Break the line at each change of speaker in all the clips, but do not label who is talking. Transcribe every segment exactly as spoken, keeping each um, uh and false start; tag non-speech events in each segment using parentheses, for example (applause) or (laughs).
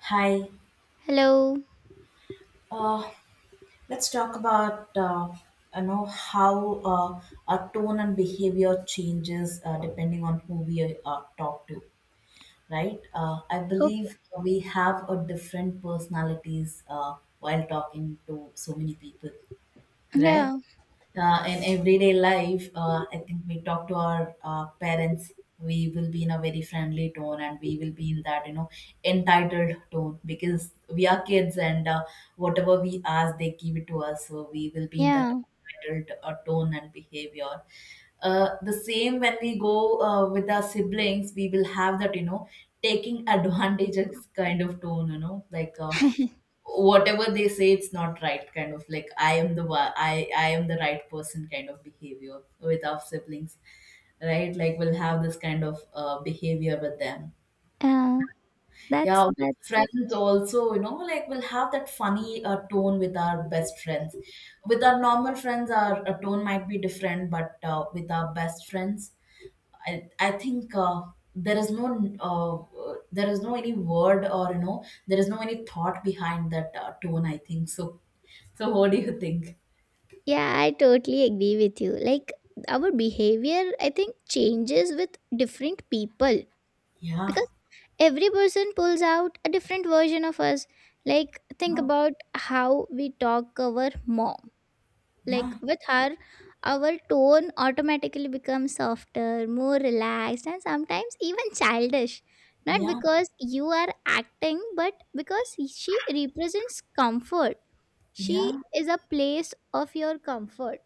Hi.
Hello.
Uh, let's talk about uh, you know how uh, our tone and behavior changes uh, depending on who we uh, talk to, right? Uh, I
Okay.
believe we have a different personalities uh, while talking to so many people. Right?
Yeah.
Uh, in everyday life, uh, I think we talk to our uh, parents, we will be in a very friendly tone, and we will be in that, you know, entitled tone because we are kids, and uh, whatever we ask, they give it to us. So we will be in that
Yeah.
entitled uh, tone and behavior. Uh, the same when we go uh, with our siblings, we will have that, you know, taking (laughs) advantages kind of tone, you know, like uh, whatever they say, it's not right, kind of like i am the wa- i i am the right person kind of behavior with our siblings, right? Like we'll have this kind of uh, behavior with them.
Uh,
Yeah,
that's
with
that's
friends also, you know, like we'll have that funny uh, tone with our best friends. With our normal friends, our uh, tone might be different, but uh, with our best friends, I, I think uh, there is no uh, uh, there is no any word, or you know there is no any thought behind that uh, tone, I think so. So what do you think?
Yeah, I totally agree with you. Like, our behavior, I think, changes with different people,
Yeah,
because every person pulls out a different version of us. Like, think
yeah,
about how we talk our mom. Like
yeah,
with her, our tone automatically becomes softer, more relaxed, and sometimes even childish. Not
yeah,
because you are acting, but because she represents comfort. She
yeah,
is a place of your comfort.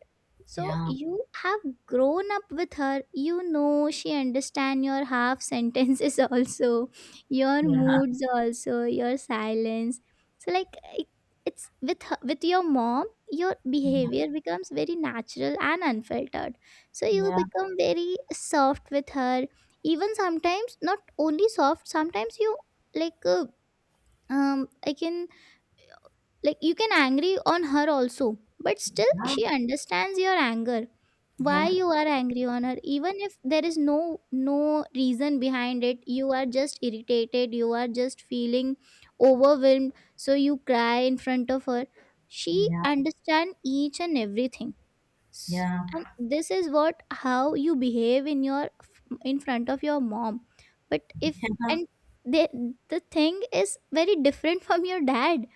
So you have grown up with her. You know she understand your half sentences (laughs) also, your
yeah,
moods also, your silence. So like it, it's with her, with your mom, your
yeah,
behavior becomes very natural and unfiltered. So you
yeah,
become very soft with her. Even sometimes, not only soft. Sometimes you like, uh, um I can, like, you can angry on her also, but still
yeah,
she understands your anger, why
yeah,
you are angry on her even if there is no no reason behind it. You are just irritated, you are just feeling overwhelmed, so you cry in front of her. She
yeah.
understand each and everything. S-
Yeah.
and this is what how you behave in your in front of your mom, but if
Yeah.
and
(laughs)
they, the thing is very different (laughs) from your dad.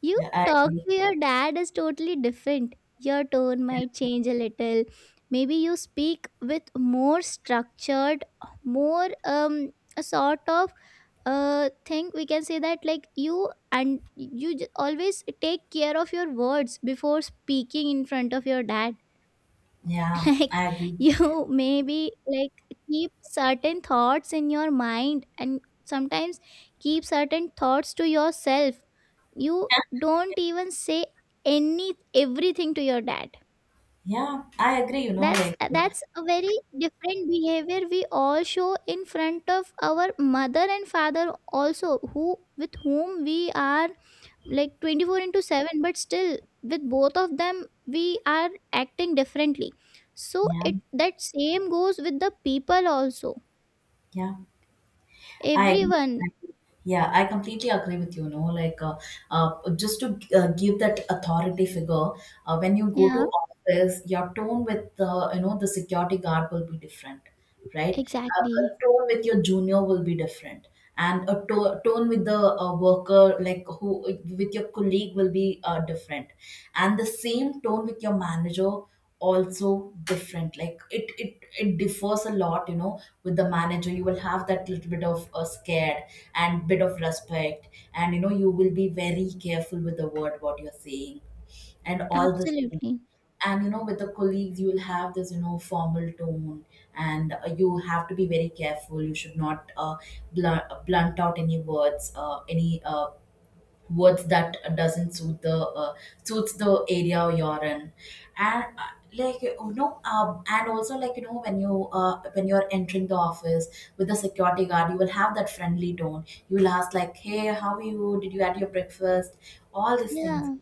You
Yeah, I
talk
agree.
to your dad is totally different. Your tone
Yeah,
might change a little. Maybe you speak with more structured, more um a sort of uh thing, we can say that, like you and you j- always take care of your words before speaking in front of your dad. (laughs)
yeah,
Like,
I agree.
you maybe like keep certain thoughts in your mind, and sometimes keep certain thoughts to yourself. You don't even say any everything to your dad.
Yeah, I agree. You know,
that's
like, uh,
that's a very different behavior we all show in front of our mother and father also, who with whom we are like twenty-four into seven, but still with both of them we are acting differently. So
yeah,
it that same goes with the people also.
yeah, I agree.
Everyone.
I agree. Yeah, I completely agree with you. You know, like, uh, uh, just to uh, give that authority figure, uh, when you go
Yeah,
to office, your tone with the, you know, the security guard will be different, right? Uh,
exactly,
a tone with your junior will be different, and a to- tone with the uh, worker, like, who with your colleague, will be uh, different, and the same tone with your manager also different. Like, it it it differs a lot. You know, with the manager, you will have that little bit of uh, scared and bit of respect, and you know, you will be very careful with the word what you're saying and all this thing.
absolutely,
And you know, with the colleagues, you will have this, you know formal tone, and uh, you have to be very careful. You should not uh, blunt, blunt out any words, uh, any uh, words that doesn't suit the uh, suits the area you're in, and uh, like, you know, um, and also, like, you know, when you uh, when you're entering the office, with the security guard, you will have that friendly tone. You will ask, like, "Hey, how are you? Did you had your breakfast?" All these things,
yeah,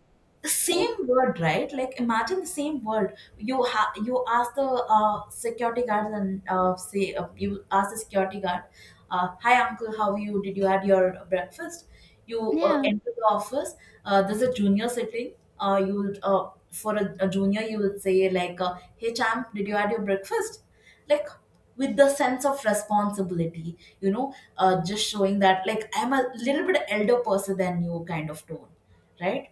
the same
ex-
word, right? Like, imagine the same word, you ha- you ask the uh, security guard, and uh, say, uh, you ask the security guard, uh, "Hi, uncle. How are you? Did you had your breakfast?" You uh,
yeah,
enter the office. Uh, there's a junior sitting. Uh, you will uh, For a, a junior, you would say, like, uh, "Hey, champ, did you had your breakfast?" Like, with the sense of responsibility, you know, uh, just showing that, like, I'm a little bit elder person than you, kind of tone, right?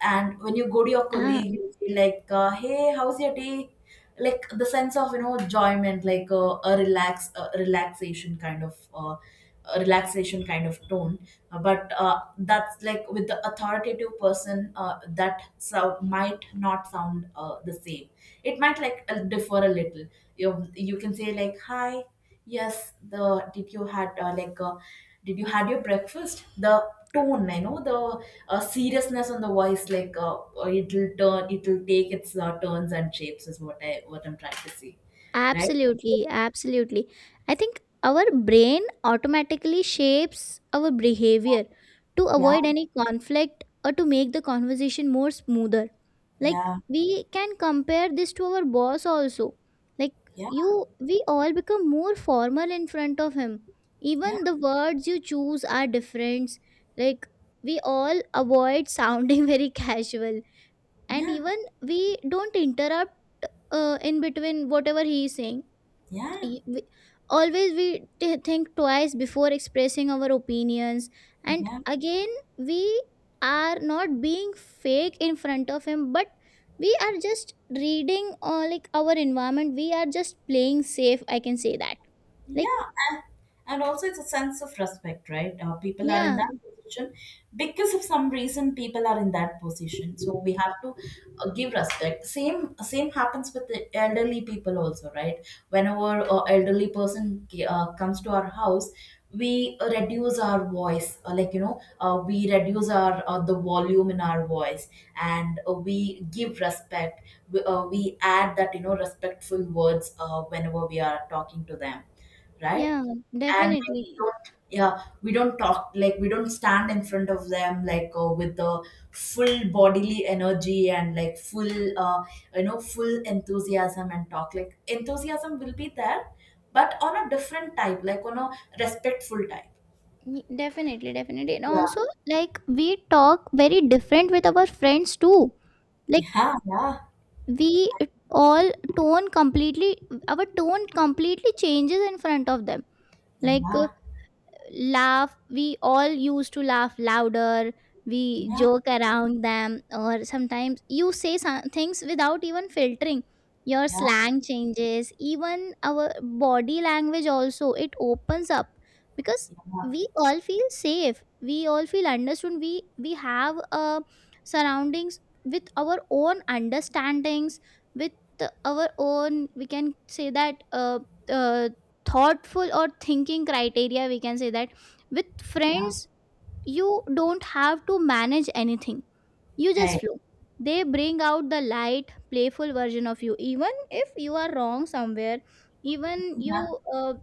And when you go to your
ah.
colleague, you feel like, uh, "Hey, how's your day?" Like, the sense of, you know enjoyment. Like, uh, a relax a relaxation kind of uh, a relaxation kind of tone. Uh, but uh, that's, like, with the authoritative person, uh, that sound might not sound uh, the same. It might, like, uh, differ a little. You, you can say, like, "Hi. Yes." the did you had uh, like uh, did you had your breakfast? The tone, you know, the a seriousness on the voice, like uh, uh, it'll turn it'll take its uh, turns and shapes, is what i what I'm trying to say, right?
Absolutely, absolutely. I think our brain automatically shapes our behavior to
Yeah,
avoid any conflict or to make the conversation more smoother. Like,
yeah,
we can compare this to our boss also. Like,
yeah,
you we all become more formal in front of him.
yeah,
Even the words you choose are different. Like, we all avoid sounding (laughs) very casual, and
yeah,
even we don't interrupt uh, in between whatever he is saying.
yeah,
Y- we, always we t- think twice before expressing our opinions, and
yeah.
again we are not being fake in front of him, but we are just reading, or like our environment, we are just playing safe, I can say that. Like,
Yeah, and, and also, it's a sense of respect, right? Uh, people are in
yeah,
that position because of some reason. People are in that position, so we have to uh, give respect. Same same happens with the elderly people also, right? Whenever a elderly person uh, comes to our house, we reduce our voice, uh, like, you know, uh, we reduce our uh, the volume in our voice, and uh, we give respect. We, uh, we add that, you know respectful words uh, whenever we are talking to them, right?
yeah,
And like, we
definitely.
don't, yeah, we don't talk like, we don't stand in front of them, like, uh, with the full bodily energy and like full, uh, you know, full enthusiasm and talk. Like, enthusiasm will be there, but on a different type, like on a respectful type.
Y- definitely, definitely, and also,
Yeah,
like, we talk very different with our friends too. Like,
yeah, yeah,
we all tone completely our tone completely changes in front of them. Like, uh,
yeah,
laugh we all used to laugh louder. We
yeah,
joke around them, or sometimes you say some things without even filtering. Your
yeah,
slang changes, even our body language also, it opens up, because we all feel safe, we all feel understood. We we have, uh, surroundings with our own understandings, with our own, we can say that, uh, uh, thoughtful or thinking criteria, we can say that, with
yeah.
friends you don't have to manage anything, you just
I-
flow. They bring out the light, playful version of you, even if you are wrong somewhere, even you uh,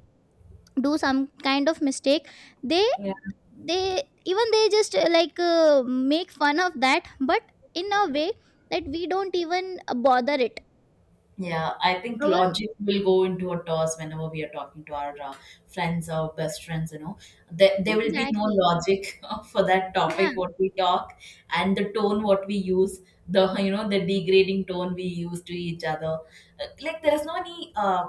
do some kind of mistake. they
yeah.
they even, they just, uh, like, uh, make fun of that, but in a way that we don't even uh, bother it.
Yeah, I think
Our
logic will go into a toss whenever we are talking to our uh, friends or best friends. You know, there, there will be no
Exactly,
logic (laughs) for that
yeah,
topic what we talk and the tone what we use. The, you know, the degrading tone we use to each other. Uh, Like, there is no any uh,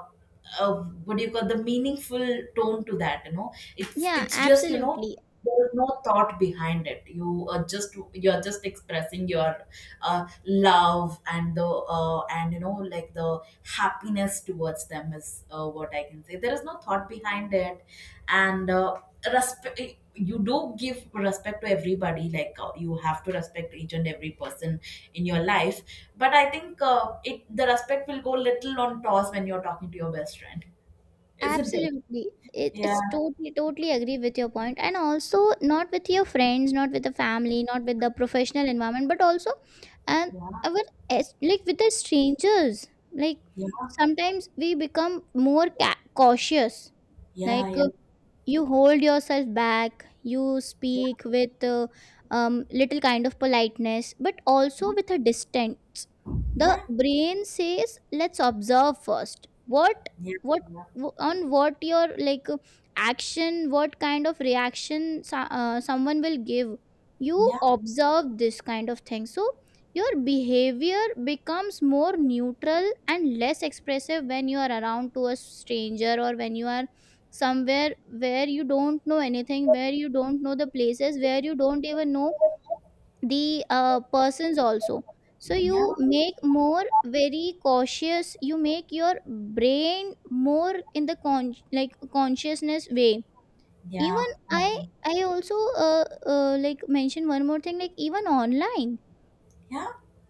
uh, what do you call, the meaningful tone to that. you know it's
yeah,
it's just, you know,
absolutely.
there is no thought behind it. You are just you're just expressing your uh, love and the uh, and you know like the happiness towards them, is uh, what I can say. There is no thought behind it. And uh, respect, you do give respect to everybody, like, uh, you have to respect each and every person in your life, but I think uh, it the respect will go little on toss when you're talking to your best friend, isn't it?
Absolutely. It,
Yeah,
it's totally, totally agree with your point. And also, not with your friends, not with the family, not with the professional environment, but also and
yeah,
our as- like, with the strangers. Like,
yeah,
sometimes we become more ca- cautious.
yeah,
Like,
yeah,
uh, you hold yourself back, you
yeah,
speak with, uh, um, little kind of politeness, but also with a distance. The
yeah,
brain says, let's observe first,
yeah, yeah, yeah, yeah,
what,
yeah, yeah, yeah,
what on what your, like, uh, action, what kind of reaction so- uh, someone will give. You
yeah,
observe this kind of thing, so your behavior becomes more neutral and less expressive when you are around to a stranger, or when you are somewhere where you don't know anything, where you don't know the places, where you don't even know the uh, persons also. So you make more very cautious, you make your brain more in the con like, consciousness way. Even i i also, uh, uh, like, mention one more thing. Like, even online,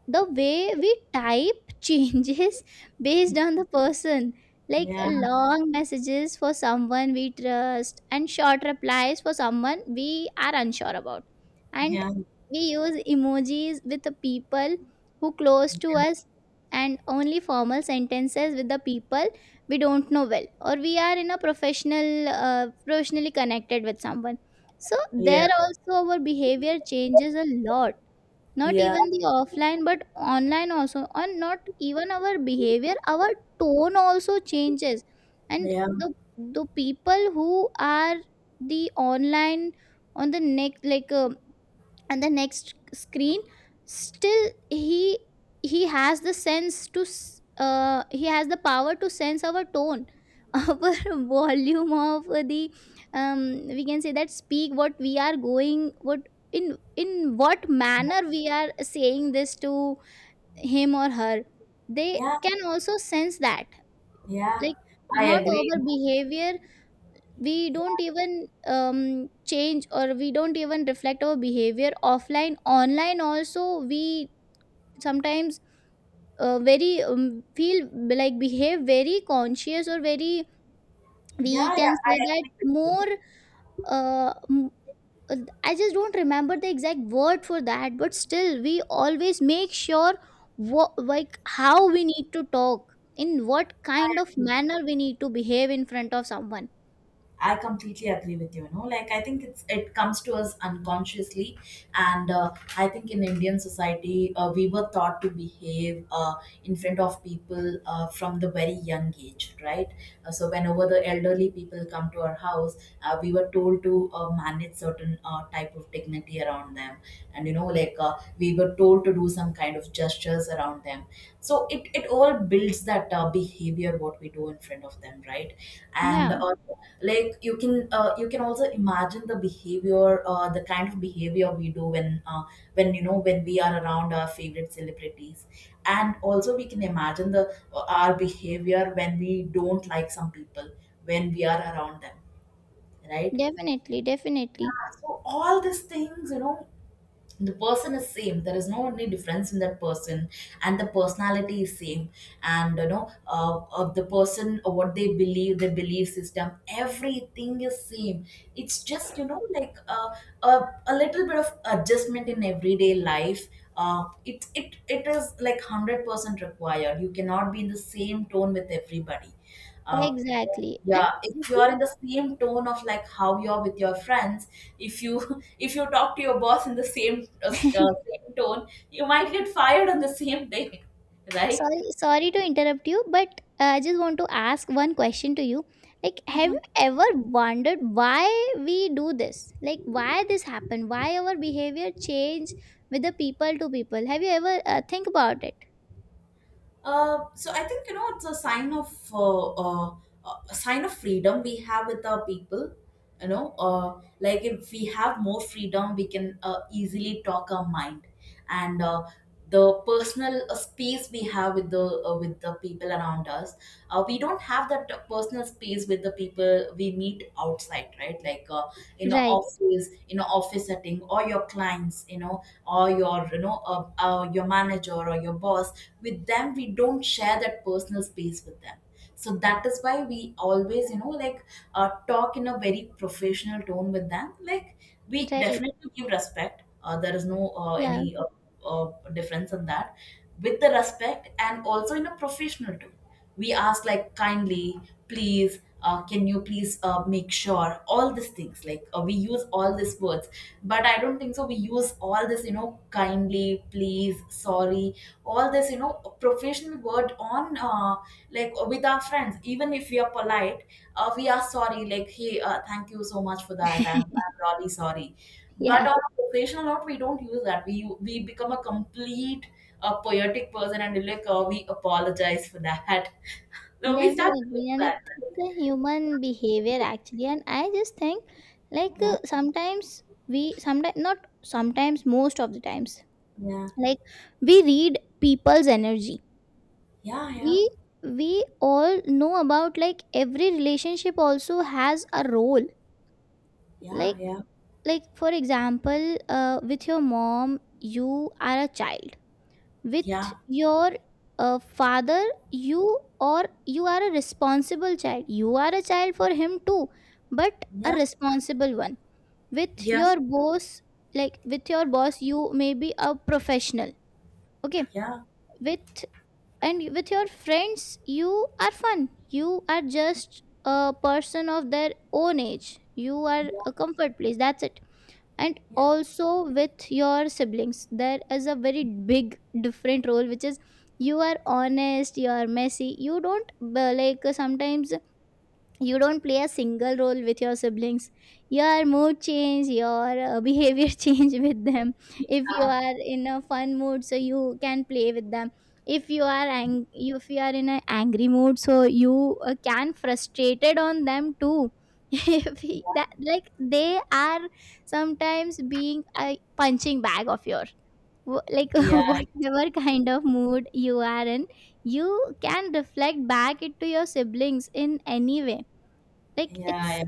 the way we type (laughs) changes based on the person. Like, uh, long messages for someone we trust, and short replies for someone we are unsure about. And we use emojis with the people who close to us, and only formal sentences with the people we don't know well, or we are in a professional uh, professionally connected with someone. So there also our behavior changes a lot, not
yeah,
even the offline but online also, and not even our behavior, our tone also changes. And
yeah,
the the people who are the online, on the next, like, uh, and the next screen, still he he has the sense to s- uh, he has the power to sense our tone, (laughs) our volume of the, um, we can say that, speak what we are going, what, in in what manner we are saying this to him or her. They
yeah,
can also sense that.
yeah.
Like,
I
not
agree.
our behavior. We
Yeah.
don't even um, change, or we don't even reflect our behavior offline, online also, we sometimes uh, very, um, feel like behave very conscious, or very,
Yeah,
we
yeah,
can
I
say that,
agree with you.
more, uh, m- uh, I just don't remember the exact word for that, but still we always make sure what, like, how we need to talk, in what
I
kind of
agree.
manner we need to behave in front of someone.
I completely agree with you. You know, like, I think it's it comes to us unconsciously, and uh, I think in Indian society, uh, we were taught to behave uh, in front of people uh, from the very young age, right? Uh, so whenever the elderly people come to our house, uh, we were told to uh, manage certain uh, type of dignity around them, and you know, like uh, we were told to do some kind of gestures around them, so it, it all builds that uh, behavior what we do in front of them, right? And
Yeah,
uh, like, you can uh, you can also imagine the behavior, uh, the kind of behavior we do when uh, when you know when we are around our favorite celebrities. And also, we can imagine the uh, our behavior when we don't like some people, when we are around them, right?
definitely, definitely.
Yeah, so all these things you know the person is same. There is no any difference in that person, and the personality is same. And you know uh, of the person, or what they believe, their belief system, everything is same. It's just, you know like uh, a, a little bit of adjustment in everyday life. Uh, it, it it is like one hundred percent required. You cannot be in the same tone with everybody. uh,
Exactly. And
yeah if
have
you are
you,
in the same tone of, like, how you're with your friends, if you (laughs) if you talk to your boss in the same uh, s- uh, same tone, you might get fired on the same day (laughs) right?
sorry, sorry to interrupt you, but uh, I just want to ask one question to you. Like, have you ever wondered why we do this? Like, why this happened? Why our behavior change with the people to people? Have you ever uh, think about it?
Uh, so I think, you know it's a sign of uh, uh, a sign of freedom we have with our people. You know, uh, like, if we have more freedom, we can uh, easily talk our mind, and uh, the personal uh, space we have with the, uh, with the people around us. Uh, we don't have that personal space with the people we meet outside, right? Like uh, in a
Right.
office, in an office setting, or your clients, you know, or your you know uh, uh, your manager or your boss, with them we don't share that personal space with them. So that is why we always, you know, like uh, talk in a very professional tone with them. Like we
Right.
definitely give respect. Uh, there is no uh,
Yeah.
any uh, uh, difference in that. With the respect and also in a professional tone, we ask like kindly, please, uh, can you please uh, make sure all these things, like uh, we use all these words. But I don't think so we use all this, you know, kindly, please, sorry, all this, you know, professional word on uh, like with our friends. Even if we are polite, uh, we are sorry, like hey, uh, thank you so much for that. i'm,
(laughs)
I'm really sorry. But
Yeah,
on a professional note, we don't use that. We we become a complete uh, poetic person, and like uh, we apologize for that. (laughs) So we start doing
definitely. And it,
that, right?
it's a human behavior actually. And I just think, like,
Yeah,
uh, sometimes, we sometimes not sometimes most of the times,
yeah,
like, we read people's energy.
yeah,
We we all know about, like, every relationship also has a role.
yeah,
Like,
yeah,
like for example, uh, with your mom you are a child. With
yeah,
your uh, father, you or you are a responsible child, you are a child for him too, but a
yeah,
responsible one. With
yeah, yeah,
your boss Like, with your boss, you may be a professional. Okay.
yeah,
with And with your friends, you are fun, you are just a person of their own age, you are
yeah,
a comfort place, that's it. And also with your siblings, there is a very big different role, which is you are honest, you are messy, you don't, uh, like, uh, sometimes you don't play a single role with your siblings. Your mood change, your uh, behavior (laughs) change with them. If you
yeah,
are in a fun mood, so you can play with them. If you are ang- if you are in an angry mood, so you uh, can frustrated on them too. (laughs) if he- That,
yeah,
like, they are sometimes being a punching bag of your, wh- like, (laughs)
yeah,
whatever kind of mood you are in, you can reflect back it to your siblings in any way. Like,
yeah,
it's
yeah.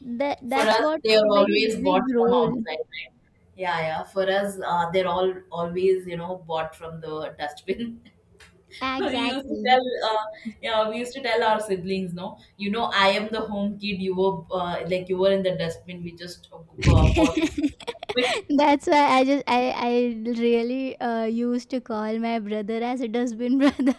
that
For
that's
us,
what
they are
a very
always
big
bought from
role.
outside, right? Yeah, yeah. For us, uh, they're all always, you know, bought from the dustbin. (laughs) we used to
Exactly.
tell, uh, yeah, we used to tell our siblings, no, you know, I am the home kid. You were, uh, like you were in the dustbin. We just uh, bought you.
(laughs) That's why I just I I really uh, used to call my brother as a dustbin brother.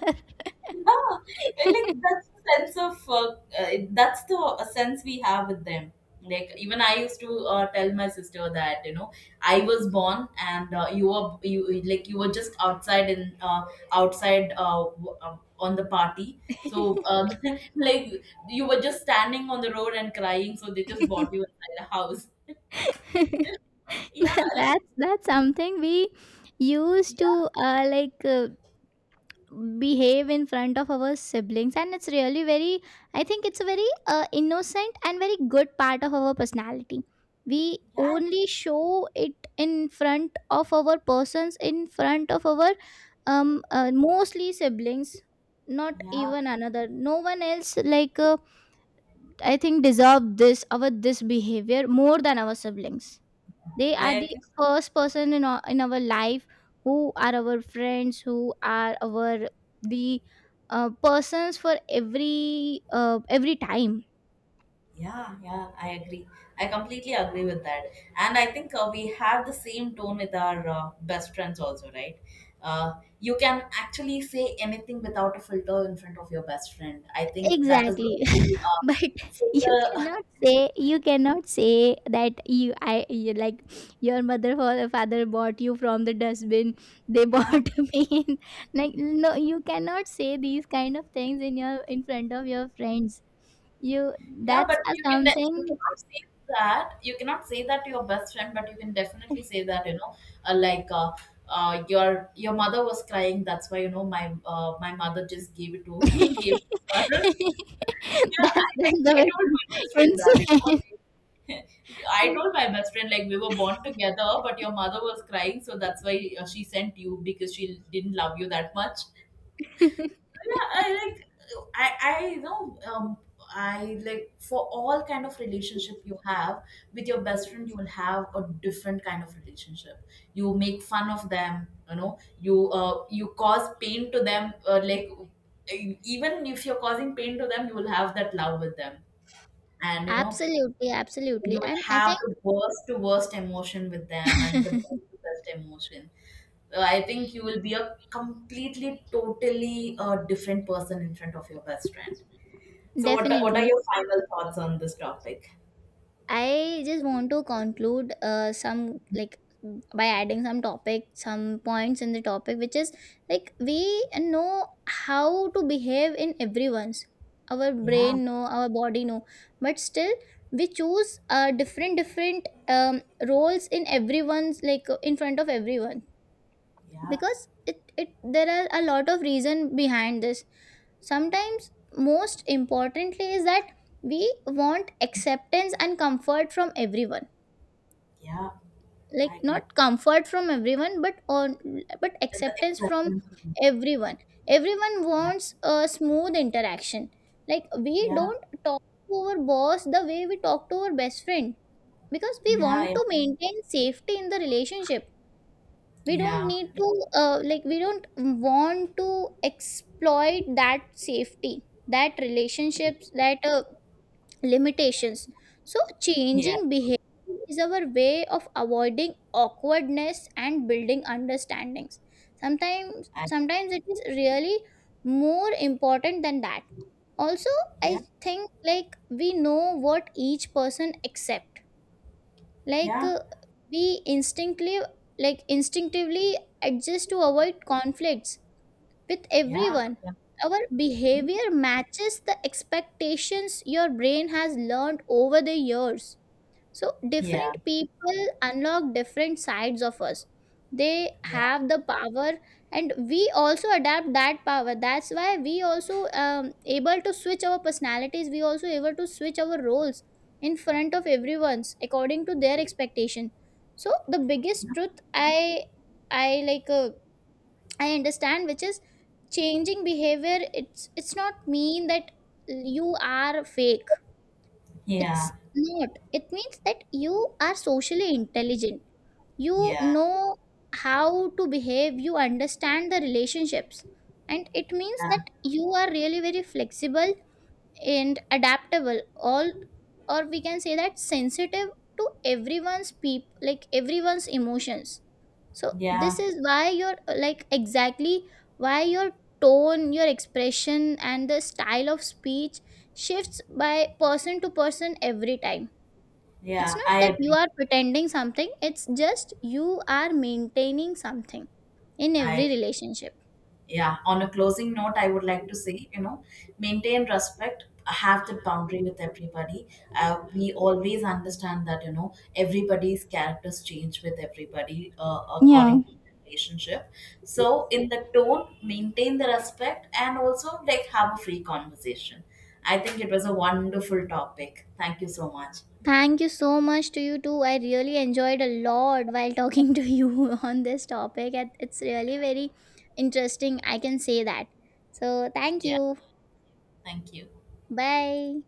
Yeah, like
(laughs)
that's the sense of uh, uh, that's the uh, sense we have with them. Like even I used to uh, tell my sister that, you know, I was born and uh, you were you like you were just outside in uh, outside uh, w- uh, on the party. So uh, (laughs) like you were just standing on the road and crying. So they just bought you inside a house.
(laughs)
Yeah, like
that's that's something we used
yeah,
to, uh, like, uh, behave in front of our siblings, and it's really very, I think, it's a very uh, innocent and very good part of our personality. We
yeah,
only show it in front of our persons, in front of our um uh, mostly siblings, not
yeah.
even another, no one else, like, uh, I think deserve this our this behavior more than our siblings. They are the
I—
first person in our, in our life, who are our friends, who are our, the uh, persons for every uh, every time.
yeah, yeah, I agree. I completely agree with that. And I think uh, we have the same tone with our uh, best friends also, right? Uh, you can actually say anything without a filter in front of your best friend. I think that is the
Exactly.
only
(laughs)
uh,
But you
filter.
cannot
(laughs)
say, you cannot say that you i you like, your mother or father bought you from the dustbin. They
Yeah,
bought (laughs) me in- like, no, you cannot say these kind of things in your in front of your friends. You
yeah, but
That's a
you can de- you
something.
cannot say that. You cannot say that to your best friend, but you can definitely say that, you know, uh, like uh, uh, your your mother was crying. That's why, you know, my uh, my mother just gave it
(laughs)
to
That's
(laughs) gave it to her. Yeah,
that's
I like I
the
told my best friend
most
that, you know,
insane.
like, (laughs) I told my best friend like we were born together, but your mother was crying, so that's why uh, she sent you because she didn't love you that much.
(laughs)
Yeah, I like I I you know um I like for all kind of relationship you have with your best friend, you will have a different kind of relationship. You make fun of them, you know. You uh you cause pain to them, uh, like e, even if you're causing pain to them, you will have that love with them. And you know,
Absolutely, absolutely.
you will
And I
have
think
the worst to worst emotion with them and the best to best emotion. So I think you will be a completely totally uh, different person in front of your best friend.
(laughs)
So what are- what are
definitely.
your final thoughts on this topic?
I just want to conclude, uh, some, like, by adding some topic, some points in the topic, which is, like, we know how to behave in everyone's. Our
Yeah,
brain know, our body know, but still we choose, uh, different different, um, roles in everyone's, like, in front of everyone,
yeah,
because it, it there are a lot of reason behind this. Sometimes, most importantly, is that we want acceptance and comfort from everyone,
yeah,
like
I agree.
not comfort from everyone, but on but
And the
acceptance from
acceptance.
everyone. Everyone
Yeah,
wants a smooth interaction. Like, we
yeah,
don't talk to our boss the way we talk to our best friend, because we
yeah,
want
yeah,
to maintain safety in the relationship. We don't
yeah,
need
yeah,
to, uh, like, we don't want to exploit that safety, that relationships, that uh, limitations. So
yeah.
changing behavior is our way of avoiding awkwardness and building understandings. Sometimes,
I—
sometimes it is really more important than that. Also,
yeah,
I think, like, we know what each person accept. Like,
yeah,
uh, we instinctively, like instinctively adjust to avoid conflicts with
yeah,
everyone.
yeah,
Our behavior matches the expectations your brain has learned over the years, so
yeah,
different people unlock different sides of us. They
yeah, yeah,
have the power, and we also adapt that power. That's why we also, um, able to switch our personalities, we also able to switch our roles in front of everyone's according to their expectation. So the biggest truth, i i like uh, i understand, which is, changing behavior, it's it's not mean that you are fake. It's not. It means that you are socially intelligent. You
yeah,
know how to behave, you understand the relationships. And it means that
yeah,
you are really very flexible and adaptable, all, or we can say that, sensitive to everyone's peop like everyone's emotions. So
yeah.
this is why your like exactly why your tone, your expression and the style of speech shifts by person to person every time. It's
Yeah,
not
I
that you
agree.
are pretending something, it's just you are maintaining something in
I
every
agree.
relationship.
Yeah. On a closing note, I would like to say, you know, maintain respect, have that boundary with everybody. Uh, we always understand that, you know, everybody's characters change with everybody uh, according to the relationship. So in the tone, maintain the respect and also like have a free conversation. I think it was a wonderful topic. Thank you so much.
Thank you so much to you too. I really enjoyed a lot while (laughs) talking to you (laughs) on this topic. And It's really very interesting. I can say that. So, thank
Yeah.
you.
Thank you.
Bye.